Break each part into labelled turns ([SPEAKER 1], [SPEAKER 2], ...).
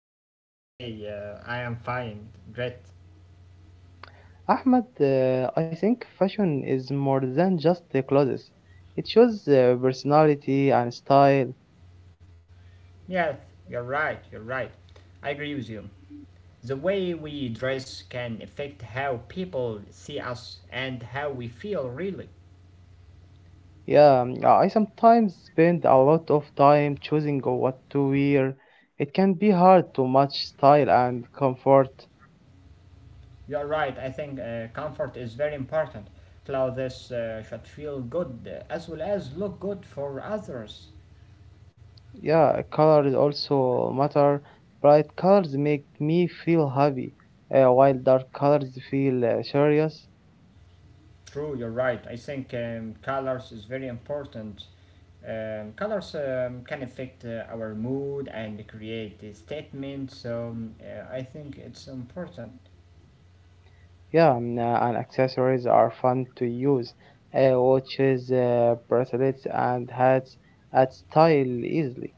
[SPEAKER 1] to talk to you today. I am fine. Great.
[SPEAKER 2] Ahmed, I think fashion is more than just the clothes. It shows personality and style.
[SPEAKER 1] Yes, you're right. You're right. I agree with you. The way we dress can affect how people see us and how we feel, really.
[SPEAKER 2] Yeah, I sometimes spend a lot of time choosing what to wear. It can be hard to match style and comfort.
[SPEAKER 1] You're right. I think comfort is very important. Clothes should feel good as well as look good for others.
[SPEAKER 2] Yeah, colors also matter. Bright colors make me feel happy, while dark colors feel serious.
[SPEAKER 1] True, you're right. I think colors is very important. Colors can affect our mood and create a statement, so I think it's important.
[SPEAKER 2] Yeah, and accessories are fun to use. Watches, bracelets, and hats add style easily.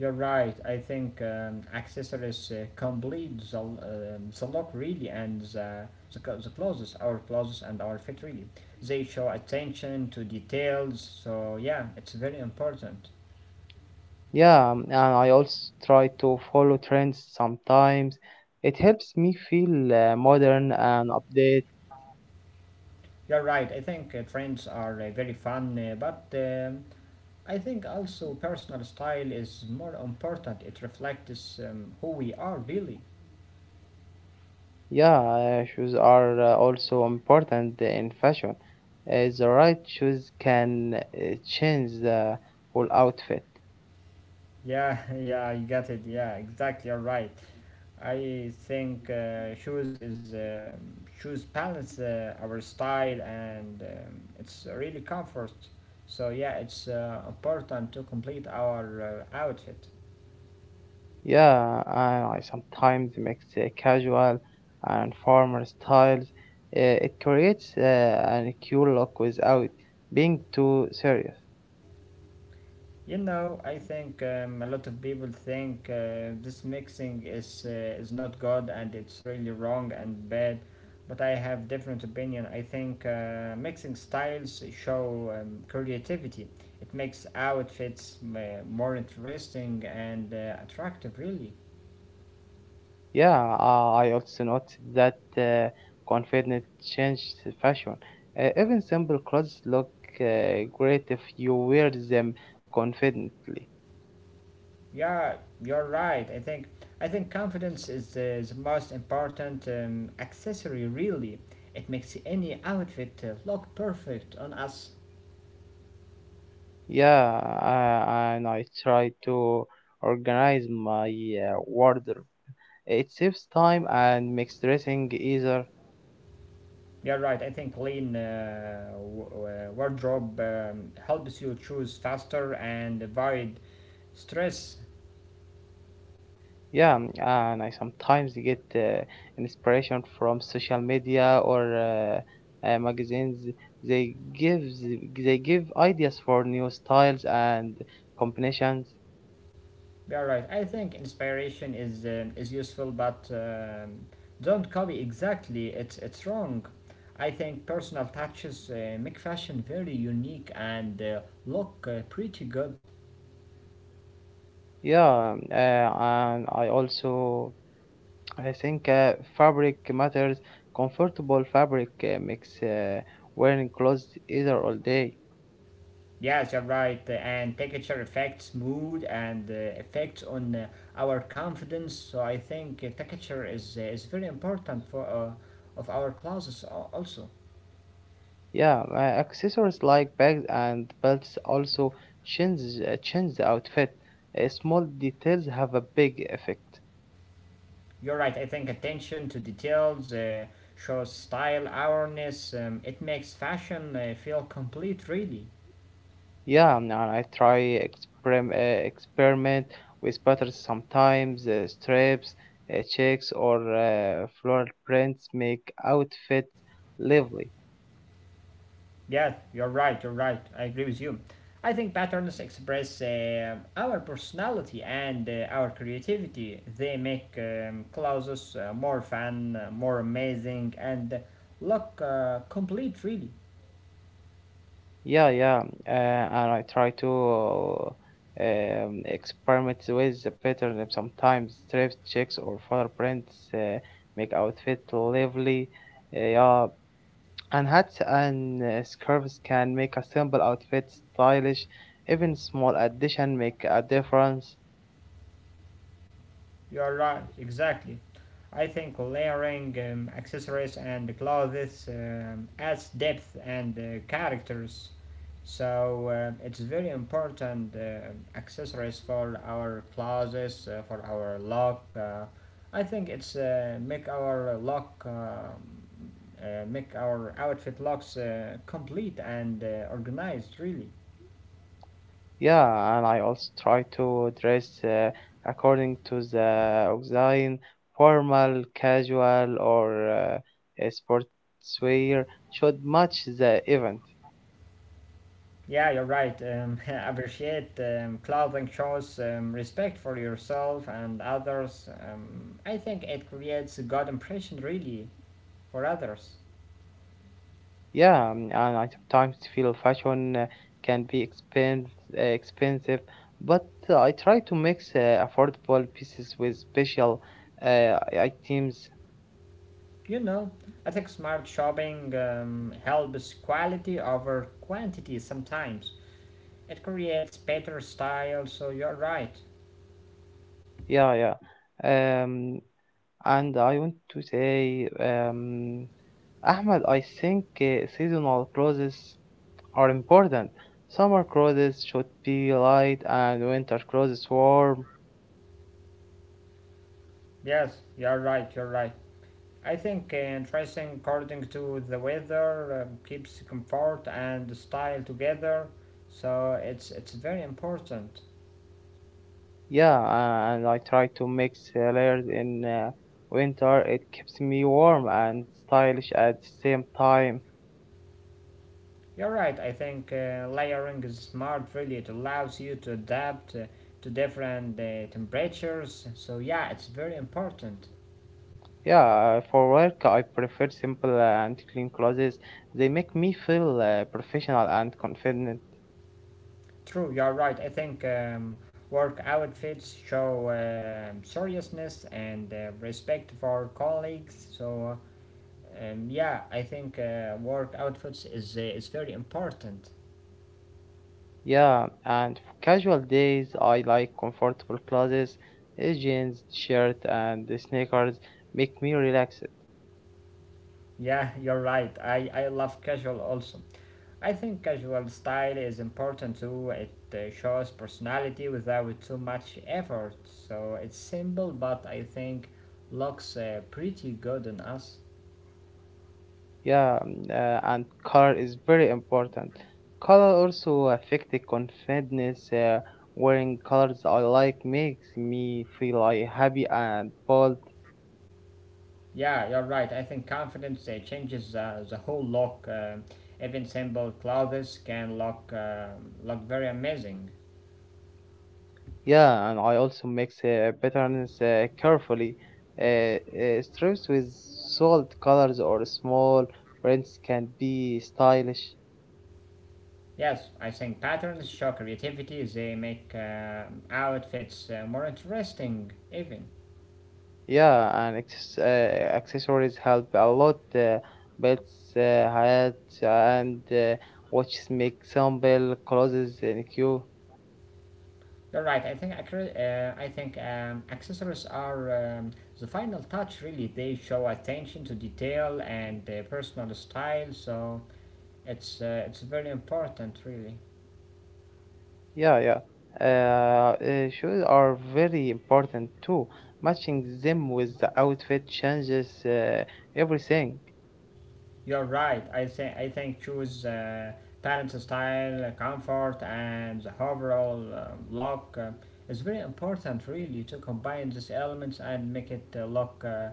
[SPEAKER 1] You're right. I think accessories complete the look really and the clothes, our clothes and our fit really. They show attention to details, so yeah, it's very important.
[SPEAKER 2] Yeah, and I also try to follow trends sometimes. It helps me feel modern and update.
[SPEAKER 1] You're right. I think trends are very fun, but I think also personal style is more important. It reflects who we are, really.
[SPEAKER 2] Yeah, shoes are also important in fashion. The right shoes can change the whole outfit.
[SPEAKER 1] Yeah, yeah, I got it. Yeah, exactly. You're right. I think shoes is shoes balance our style and it's really comfort. So yeah, it's important to complete our outfit.
[SPEAKER 2] Yeah, and I sometimes mix casual and formal styles. It creates an cool look without being too serious.
[SPEAKER 1] You know, I think a lot of people think this mixing is not good and it's really wrong and bad, but I have different opinion. I think mixing styles show creativity. It makes outfits more interesting and attractive. Really,
[SPEAKER 2] Yeah, I also noticed that confidence changed fashion. Even simple clothes look great if you wear them confidently.
[SPEAKER 1] yeah, you're right. I think confidence is the most important accessory. Really, it makes any outfit look perfect on us.
[SPEAKER 2] Yeah, and I try to organize my wardrobe. It saves time and makes dressing easier.
[SPEAKER 1] Yeah, right. I think clean wardrobe helps you choose faster and avoid stress.
[SPEAKER 2] Yeah, and I sometimes get inspiration from social media or magazines. They give they give ideas for new styles and combinations.
[SPEAKER 1] Yeah, right. I think inspiration is useful, but don't copy exactly. It's wrong. I think personal touches make fashion very unique and look pretty good.
[SPEAKER 2] Yeah, and I think fabric matters. Comfortable fabric makes wearing clothes easier all day.
[SPEAKER 1] Yes, you're right. And temperature affects mood and effects on our confidence. So I think temperature is very important for of our classes also.
[SPEAKER 2] Yeah, accessories like bags and belts also change change the outfit. Small details have a big effect.
[SPEAKER 1] You're right. I think attention to details shows style awareness. It makes fashion feel complete, really.
[SPEAKER 2] Yeah, and I try experiment with patterns sometimes. Stripes, checks, or floral prints make outfits lively.
[SPEAKER 1] Yes, you're right, you're right. I agree with you. I think patterns express our personality and our creativity. They make clothes more fun, more amazing, and look complete, really.
[SPEAKER 2] Yeah, yeah, and I try to uh, experiment with the pattern. Sometimes stripes, checks, or fur prints make outfit lively. Yeah, and hats and scarves can make a simple outfit stylish. Even small addition make a difference.
[SPEAKER 1] You are right, exactly. I think layering accessories and clothes adds depth and characters. So it's very important accessories for our clothes, for our look. I think it's make our look, make our outfit looks complete and organized. Really.
[SPEAKER 2] Yeah, and I also try to dress according to the design, formal, casual, or a sportswear should match the event.
[SPEAKER 1] Yeah, you're right. Appreciate clothing shows respect for yourself and others. I think it creates a good impression, really, for others.
[SPEAKER 2] Yeah, and I sometimes feel fashion can be expensive, but I try to mix affordable pieces with special items.
[SPEAKER 1] You know, I think smart shopping helps quality over quantity sometimes. It creates better style, so you're right.
[SPEAKER 2] Yeah, yeah. And I want to say, Ahmed, I think seasonal cruises are important. Summer cruises should be light and winter cruises warm.
[SPEAKER 1] Yes, you're right, you're right. I think dressing according to the weather keeps comfort and style together, so it's very important.
[SPEAKER 2] Yeah, and I try to mix layers in winter. It keeps me warm and stylish at the same time.
[SPEAKER 1] You're right. I think layering is smart. Really, it allows you to adapt to different temperatures. So yeah, it's very important.
[SPEAKER 2] Yeah, for work, I prefer simple and clean clothes. They make me feel professional and confident.
[SPEAKER 1] True, you're right. I think work outfits show seriousness and respect for colleagues. So, yeah, I think work outfits is very important.
[SPEAKER 2] Yeah, and for casual days, I like comfortable clothes, jeans, shirt, and the sneakers make me relaxed.
[SPEAKER 1] Yeah, you're right. I love casual also. I think casual style is important too. It shows personality without too much effort. So it's simple, but I think looks pretty good on us.
[SPEAKER 2] Yeah, and color is very important. Color also affect the confidence. Wearing colors I like makes me feel like happy and bold.
[SPEAKER 1] Yeah, you're right. I think confidence changes the whole look. Even simple clothes can look very amazing.
[SPEAKER 2] Yeah, and I also mix patterns carefully. Stripes with solid colors or small prints can be stylish.
[SPEAKER 1] Yes, I think patterns show creativity. They make outfits more interesting. Even
[SPEAKER 2] Yeah, and accessories help a lot. Belts, uh, hats, and watches make sample clothes in queue.
[SPEAKER 1] you're right. I think accessories are the final touch. Really, they show attention to detail and personal style. So it's very important, really.
[SPEAKER 2] Yeah, yeah. Shoes are very important too. Matching them with the outfit changes everything.
[SPEAKER 1] You're right. I think choose parent style, comfort, and the overall look is very important. Really, to combine these elements and make it uh, look uh,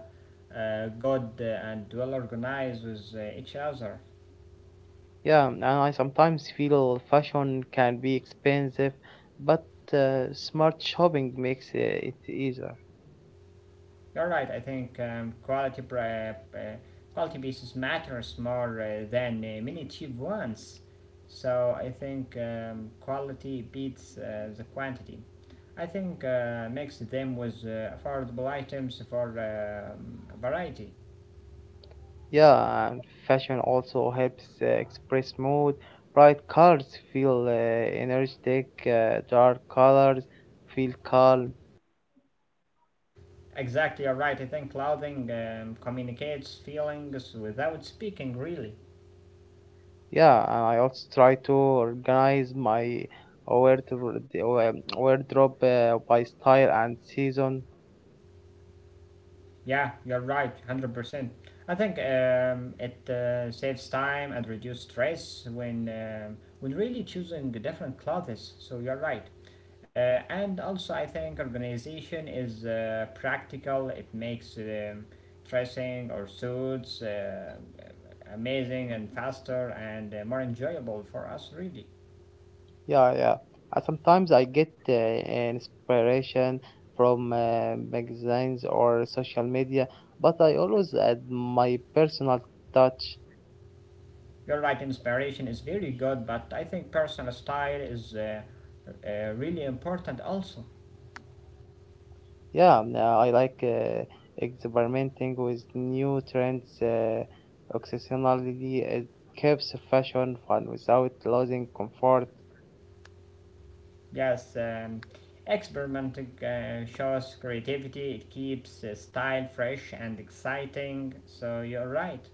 [SPEAKER 1] uh, good and well organized with each other.
[SPEAKER 2] Yeah, and I sometimes feel fashion can be expensive, but smart shopping makes it easier.
[SPEAKER 1] You're right. I think um, quality pieces matters more than many cheap ones. So I think quality beats the quantity. I think mix them with affordable items for variety.
[SPEAKER 2] Yeah, and fashion also helps express mood. Bright colors feel energetic, dark colors feel calm.
[SPEAKER 1] Exactly, you're right. I think clothing communicates feelings without speaking, really.
[SPEAKER 2] Yeah, and I also try to organize my wardrobe, wardrobe by style and season.
[SPEAKER 1] Yeah, you're right, 100%. I think it saves time and reduces stress when really choosing different clothes. So you're right. And also, I think organization is practical. It makes dressing or suits amazing and faster and more enjoyable for us, really.
[SPEAKER 2] Yeah, yeah. And sometimes I get inspiration from magazines or social media, but I always add my personal touch.
[SPEAKER 1] You're right, inspiration is very good, but I think personal style is really important also.
[SPEAKER 2] Yeah, I like experimenting with new trends. Occasionally, it keeps fashion fun without losing comfort.
[SPEAKER 1] Yes, experimenting shows creativity, it keeps style fresh and exciting, so you're right.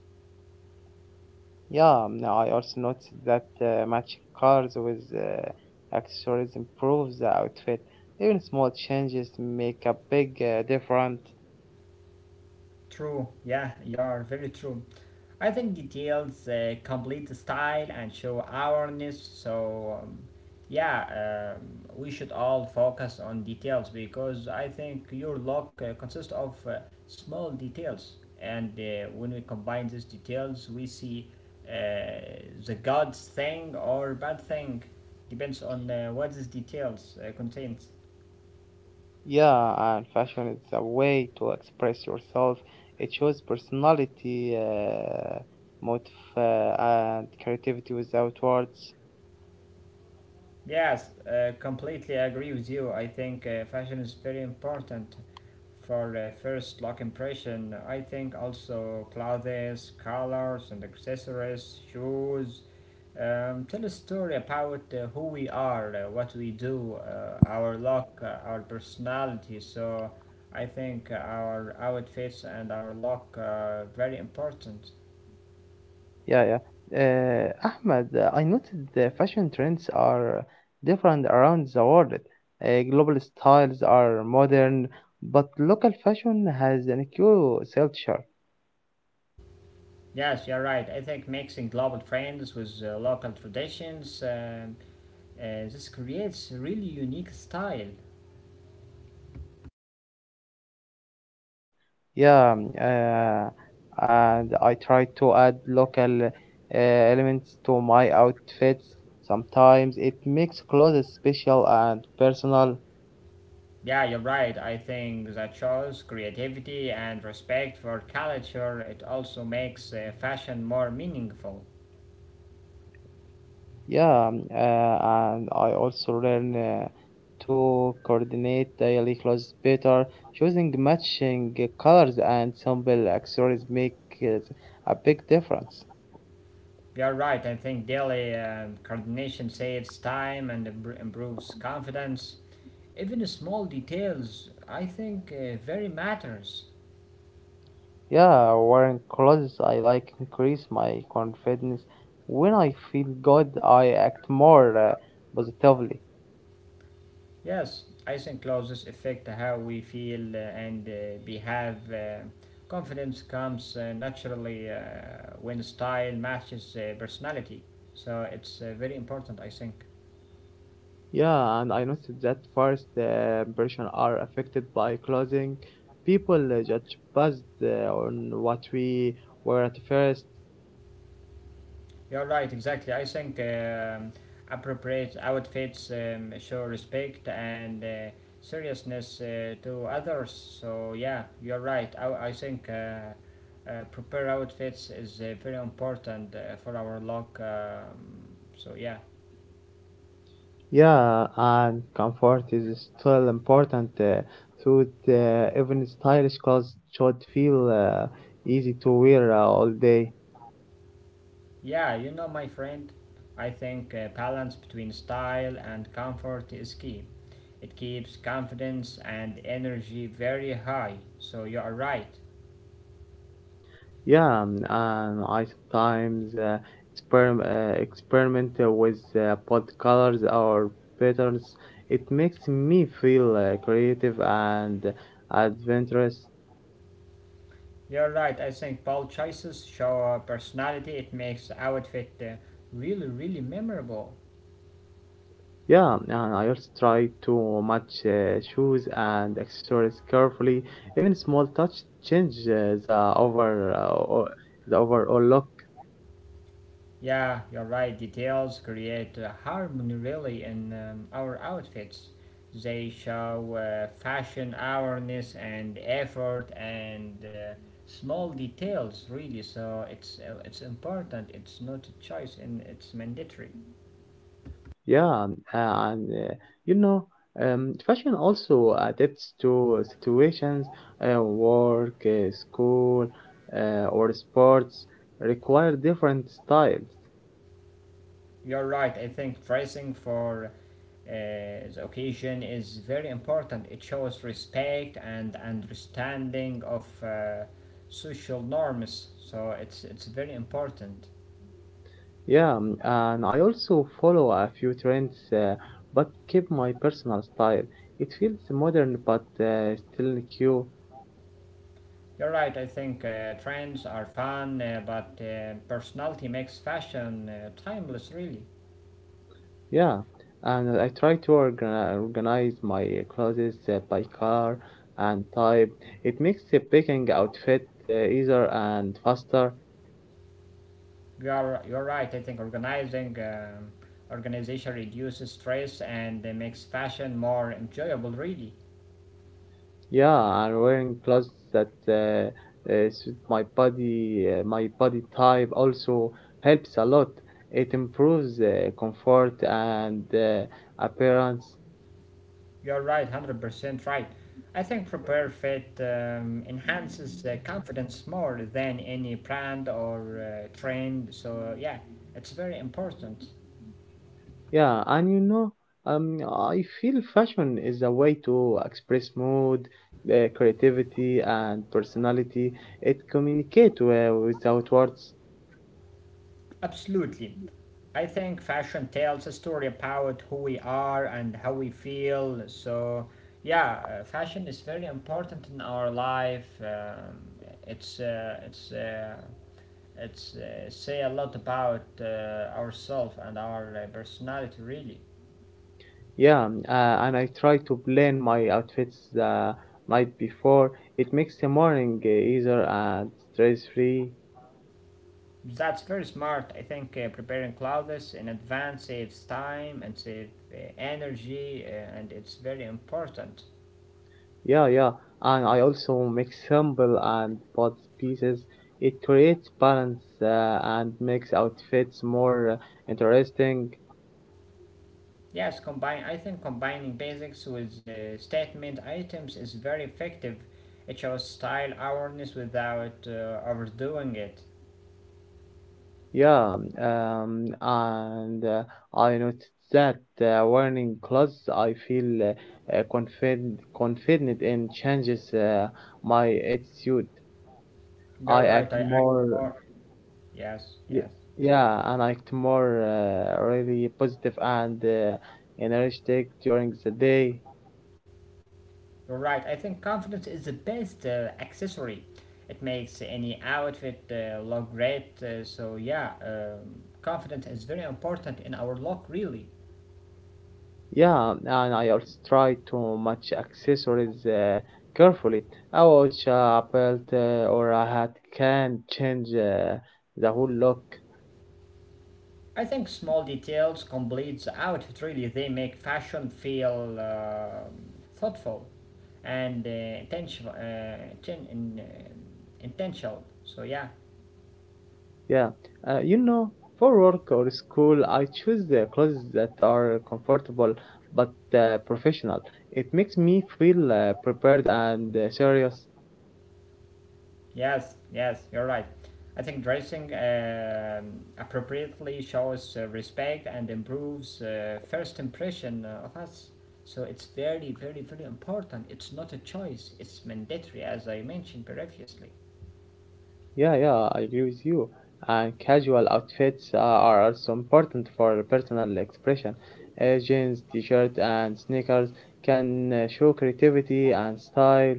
[SPEAKER 2] Yeah, I also noticed that matching colors with accessories improves the outfit. Even small changes make a big difference.
[SPEAKER 1] True, yeah, you are very true. I think details complete the style and show awareness, so yeah, we should all focus on details because I think your look consists of small details, and when we combine these details, we see uh, the good thing or bad thing, depends on what these details contains.
[SPEAKER 2] Yeah, and fashion is a way to express yourself. It shows personality, motive, and creativity without words.
[SPEAKER 1] Yes, completely agree with you. I think fashion is very important for first look impression. I think also clothes, colors, and accessories, shoes. Tell a story about who we are, what we do, our look, our personality. So I think our outfits and our look are very important.
[SPEAKER 2] Yeah, yeah. Ahmed, I noticed the fashion trends are different around the world. Global styles are modern, but local fashion has an cool culture.
[SPEAKER 1] Yes, you're right. I think mixing global trends with local traditions, this creates a really unique style.
[SPEAKER 2] Yeah,
[SPEAKER 1] Yeah.
[SPEAKER 2] and I try to add local elements to my outfits. Sometimes it makes clothes special and personal.
[SPEAKER 1] Yeah, you're right. I think that shows creativity and respect for culture. It also makes fashion more meaningful.
[SPEAKER 2] Yeah, and I also learn to coordinate daily clothes better. Choosing matching colors and simple accessories make it a big difference.
[SPEAKER 1] You're right. I think daily coordination saves time and improves confidence. Even small details, I think, very matters.
[SPEAKER 2] Yeah, wearing clothes I like increase my confidence. When I feel good, I act more positively.
[SPEAKER 1] Yes, I think clothes affect how we feel and behave. Confidence comes naturally when style matches personality. So it's very important, I think.
[SPEAKER 2] Yeah, and I noticed that first impression are affected by clothing. People judge based on what we were at first.
[SPEAKER 1] You're right, exactly. I think appropriate outfits show respect and seriousness to others. So, yeah, you're right. I think. Prepare outfits is very important for our look. So yeah.
[SPEAKER 2] Yeah, and comfort is still important. So it, even stylish clothes should feel easy to wear all day.
[SPEAKER 1] Yeah, you know, my friend, I think balance between style and comfort is key. It keeps confidence and energy very high. So you are right.
[SPEAKER 2] Yeah, and I sometimes experiment with both colors or patterns. It makes me feel creative and adventurous.
[SPEAKER 1] You're right. I think bold choices show a personality. It makes the outfit really, really memorable.
[SPEAKER 2] Yeah, and I also try to match shoes and accessories carefully. Even small touch change the overall look.
[SPEAKER 1] Yeah, you're right. Details create harmony really in our outfits. They show fashion awareness and effort and small details really. So it's important. It's not a choice and it's mandatory.
[SPEAKER 2] Yeah, and you know, fashion also adapts to situations, work, school, or sports require different styles.
[SPEAKER 1] You're right. I think dressing for the occasion is very important. It shows respect and understanding of social norms. So it's very important.
[SPEAKER 2] Yeah, and I also follow a few trends, but keep my personal style. It feels modern but still cute.
[SPEAKER 1] You're right, I think trends are fun, but personality makes fashion timeless, really.
[SPEAKER 2] Yeah, and I try to organize my clothes by color and type. It makes the picking outfit easier and faster.
[SPEAKER 1] You're right, I think organizing organization reduces stress and makes fashion more enjoyable, really.
[SPEAKER 2] Yeah, I'm wearing clothes that suit my body type also helps a lot. It improves comfort and appearance.
[SPEAKER 1] You're right, 100% right. I think Prepare Fit enhances confidence more than any brand or trend, so yeah, it's very important.
[SPEAKER 2] Yeah, and I feel fashion is a way to express mood, creativity, and personality. It communicates without words.
[SPEAKER 1] Absolutely. I think fashion tells a story about who we are and how we feel. So, yeah, fashion is very important in our life. It's say a lot about ourselves and our personality. Really,
[SPEAKER 2] Yeah, and I try to plan my outfits the night before. It makes the morning easier and stress-free.
[SPEAKER 1] that's very smart. I think preparing clothes in advance saves time and save energy, and it's very important.
[SPEAKER 2] Yeah, yeah. And I also mix simple and bold pieces. It creates balance and makes outfits more interesting.
[SPEAKER 1] Yes, combine. I think combining basics with statement items is very effective. It shows style awareness without overdoing it.
[SPEAKER 2] Yeah, and I noticed that wearing clothes, I feel confident in changes my attitude.
[SPEAKER 1] You're
[SPEAKER 2] I
[SPEAKER 1] right. I
[SPEAKER 2] act
[SPEAKER 1] actually
[SPEAKER 2] more,
[SPEAKER 1] more. Yes,
[SPEAKER 2] y-
[SPEAKER 1] yes.
[SPEAKER 2] yeah, and I act more really positive and energetic during the day.
[SPEAKER 1] You're right. I think confidence is the best accessory. It makes any outfit look great. So yeah, confidence is very important in our look, really.
[SPEAKER 2] Yeah, and I also try to match accessories carefully. A watch, a belt, or a hat can change the whole look.
[SPEAKER 1] I think small details complete the outfit really. They make fashion feel thoughtful and in, uh, intentional. So yeah,
[SPEAKER 2] Yeah, uh, you know, for work or school, I choose the clothes that are comfortable but professional. It makes me feel prepared and serious.
[SPEAKER 1] yes, yes, you're right. I think dressing appropriately shows respect and improves first impression of us. So it's very, very, very important. It's not a choice. It's mandatory, as I mentioned previously.
[SPEAKER 2] Yeah, yeah, I agree with you. And casual outfits are also important for personal expression. Jeans, t-shirt, and sneakers can show creativity and style.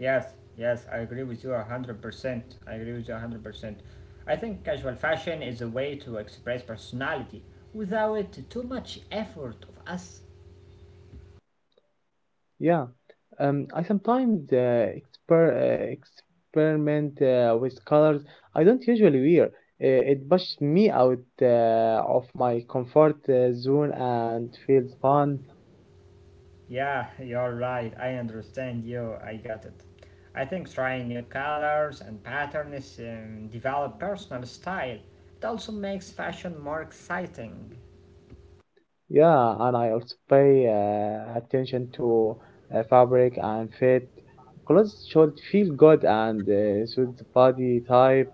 [SPEAKER 1] Yes, yes, I agree with you 100%. I agree with you 100%. I think casual fashion is a way to express personality without too much effort of us.
[SPEAKER 2] Yeah, I sometimes experiment with colors I don't usually wear. It pushes me out of my comfort zone and feels fun.
[SPEAKER 1] Yeah, you're right. I understand you. I got it. I think trying new colors and patterns develop personal style. It also makes fashion more exciting.
[SPEAKER 2] Yeah, and I also pay attention to fabric and fit. Clothes should feel good and suit the body type.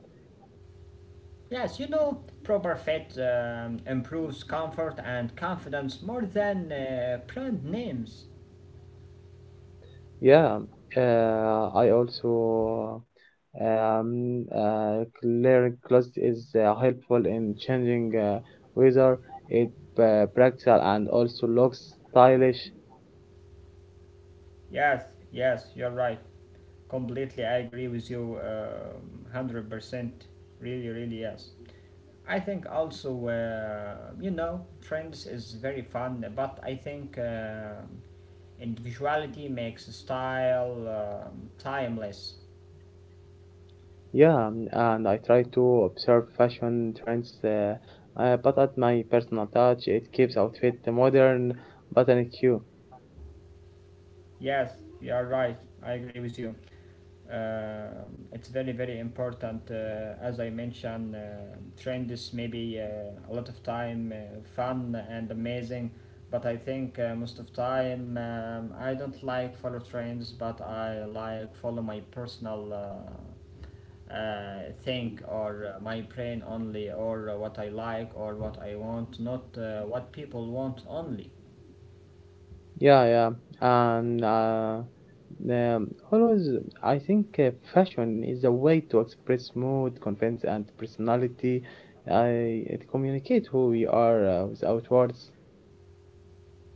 [SPEAKER 1] Yes, proper fit improves comfort and confidence more than brand names.
[SPEAKER 2] Yeah, I also clearing clothes is helpful in changing weather. It practical and also looks stylish.
[SPEAKER 1] Yes, yes, you're right. Completely, I agree with you. 100%. Really, really, yes. I think also, trends is very fun, but I think individuality makes style timeless.
[SPEAKER 2] Yeah, and I try to observe fashion trends, but add my personal touch. It keeps outfit modern, but and cute.
[SPEAKER 1] Yes, you are right. I agree with you. It's very very important, as I mentioned. Trends maybe a lot of time fun and amazing, but I think most of time I don't like follow trends, but I like follow my personal. Think, or my brain only, or what I like, or what I want, not what people want only.
[SPEAKER 2] Yeah, yeah, and always I think fashion is a way to express mood, confidence, and personality. I it communicate who we are without words.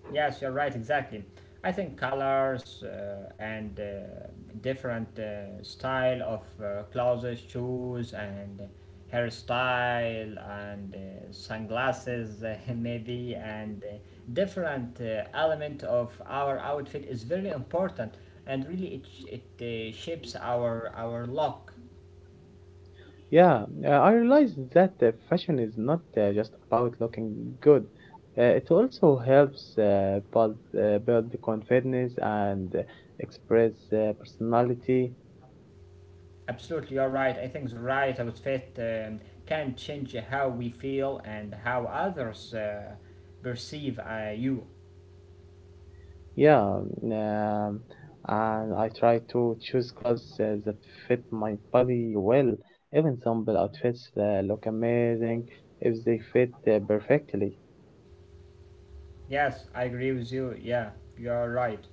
[SPEAKER 1] Yes, you're right, exactly. I think colors and different style of clothes, shoes, and hairstyle, and sunglasses, maybe, and different element of our outfit is very important, and really it shapes our look.
[SPEAKER 2] Yeah, I realized that fashion is not just about looking good. It also helps build the confidence and express personality.
[SPEAKER 1] Absolutely, you're right. I think the right outfit can change how we feel and how others perceive you.
[SPEAKER 2] Yeah, and I try to choose clothes that fit my body well. Even simple outfits look amazing if they fit perfectly.
[SPEAKER 1] Yes, I agree with you. Yeah, you're right.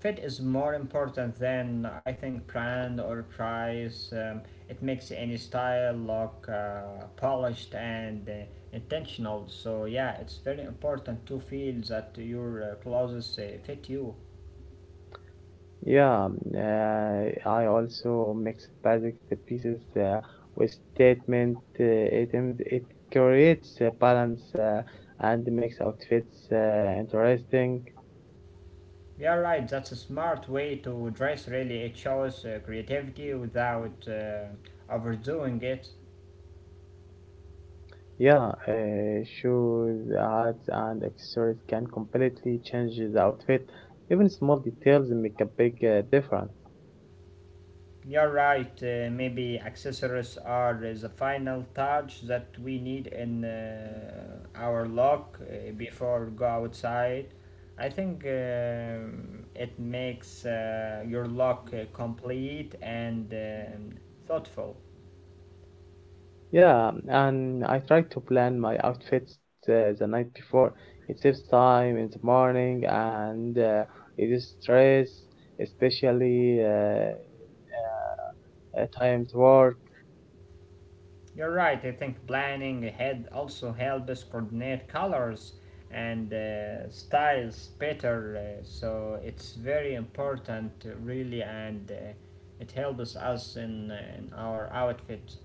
[SPEAKER 1] Fit is more important than, I think, brand or price. It makes any style look polished and intentional. So yeah, it's very important to feel that your clothes fit you.
[SPEAKER 2] Yeah, I also mix basic pieces with statement items. It creates a balance and makes outfits interesting.
[SPEAKER 1] Yeah, right. That's a smart way to dress. Really, it shows creativity without overdoing it.
[SPEAKER 2] Yeah, shoes, hats, and accessories can completely change the outfit. Even small details make a big difference.
[SPEAKER 1] You're right. Maybe accessories are the final touch that we need in our look before go outside. I think it makes your look complete and thoughtful.
[SPEAKER 2] Yeah, and I try to plan my outfits the night before. It saves time in the morning and it is stress, especially at times work.
[SPEAKER 1] You're right. I think planning ahead also helps us coordinate colors and styles better. So it's very important, really, and it helps us in our outfit.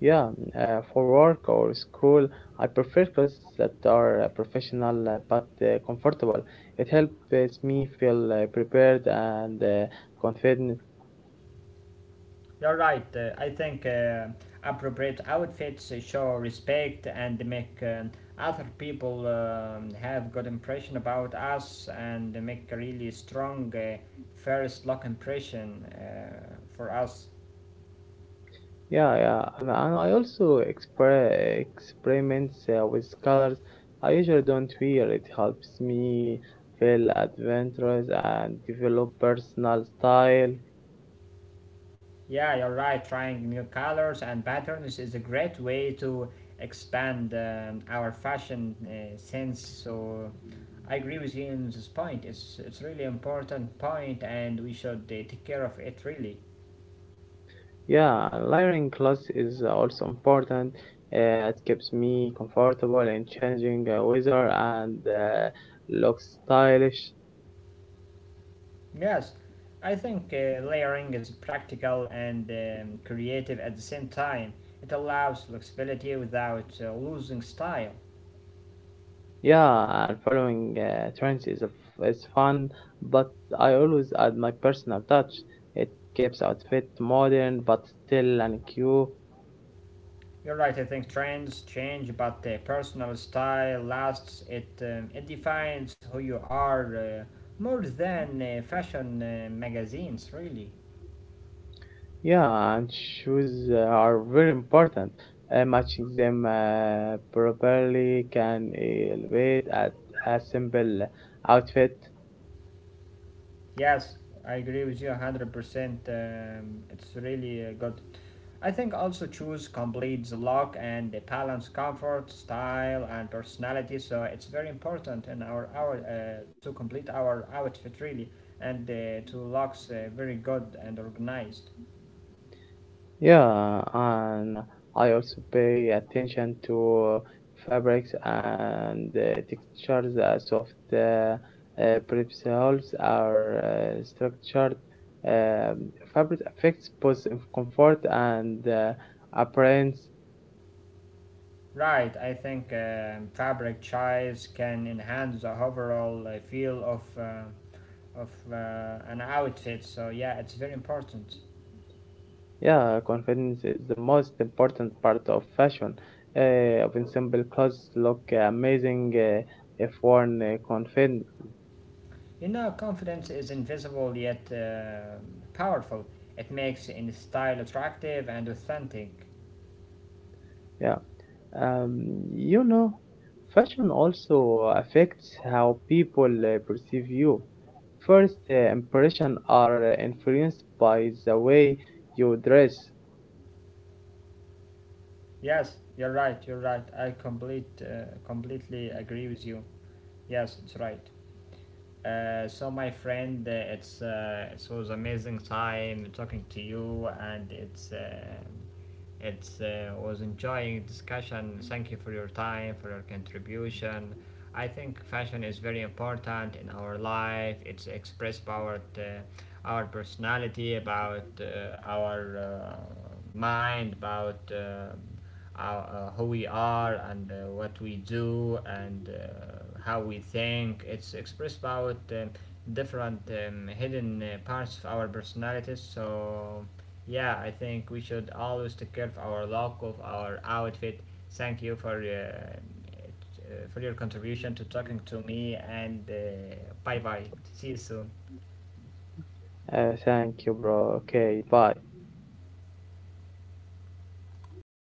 [SPEAKER 2] Yeah, for work or school, I prefer clothes that are professional but comfortable. It helps me feel prepared and confident.
[SPEAKER 1] You're right. I think appropriate outfits show respect and make other people have good impression about us and make a really strong first look impression for us.
[SPEAKER 2] Yeah, yeah, and I also experiments with colors. I usually don't wear it. Helps me feel adventurous and develop personal style.
[SPEAKER 1] Yeah, you're right. Trying new colors and patterns is a great way to expand our fashion sense. So I agree with you on this point. It's really important point, and we should take care of it really.
[SPEAKER 2] Yeah, and layering clothes is also important. It keeps me comfortable in changing weather and looks stylish.
[SPEAKER 1] Yes, I think layering is practical and creative at the same time. It allows flexibility without losing style.
[SPEAKER 2] Yeah, and following trends is fun, but I always add my personal touch. It keeps outfit modern but still and cute.
[SPEAKER 1] You're right, I think trends change, but the personal style lasts. It, it defines who you are, more than fashion magazines, really.
[SPEAKER 2] Yeah, and shoes are very important. Matching them properly can elevate a simple outfit.
[SPEAKER 1] Yes, I agree with you 100%. It's really good. I think also choose completes the look and the balance comfort, style, and personality. So it's very important in our to complete our outfit, really, and to looks very good and organized.
[SPEAKER 2] Yeah, and I also pay attention to fabrics and textures. Soft principles are structured. Fabric affects both in comfort and appearance.
[SPEAKER 1] Right, I think fabric choice can enhance the overall feel of an outfit. So yeah, it's very important.
[SPEAKER 2] Yeah, confidence is the most important part of fashion. Even simple clothes look amazing if worn confident.
[SPEAKER 1] You know, confidence is invisible yet powerful. It makes any style attractive and authentic.
[SPEAKER 2] Yeah. Um, you know, Fashion also affects how people perceive you. First impression are influenced by the way you dress.
[SPEAKER 1] Yes, you're right. You're right. I completely agree with you. Yes, it's right. So my friend, it's it was amazing time talking to you, and it's. It's was enjoying discussion. Thank you for your time, for your contribution. I think fashion is very important in our life. It's express about our personality, about our mind, about our, who we are, and what we do, and how we think. It's expressed about different hidden parts of our personalities. So yeah, I think we should always take care of our look, of our outfit. Thank you for your contribution to talking to me, and bye bye. See you soon.
[SPEAKER 2] Thank you, bro. Okay, bye.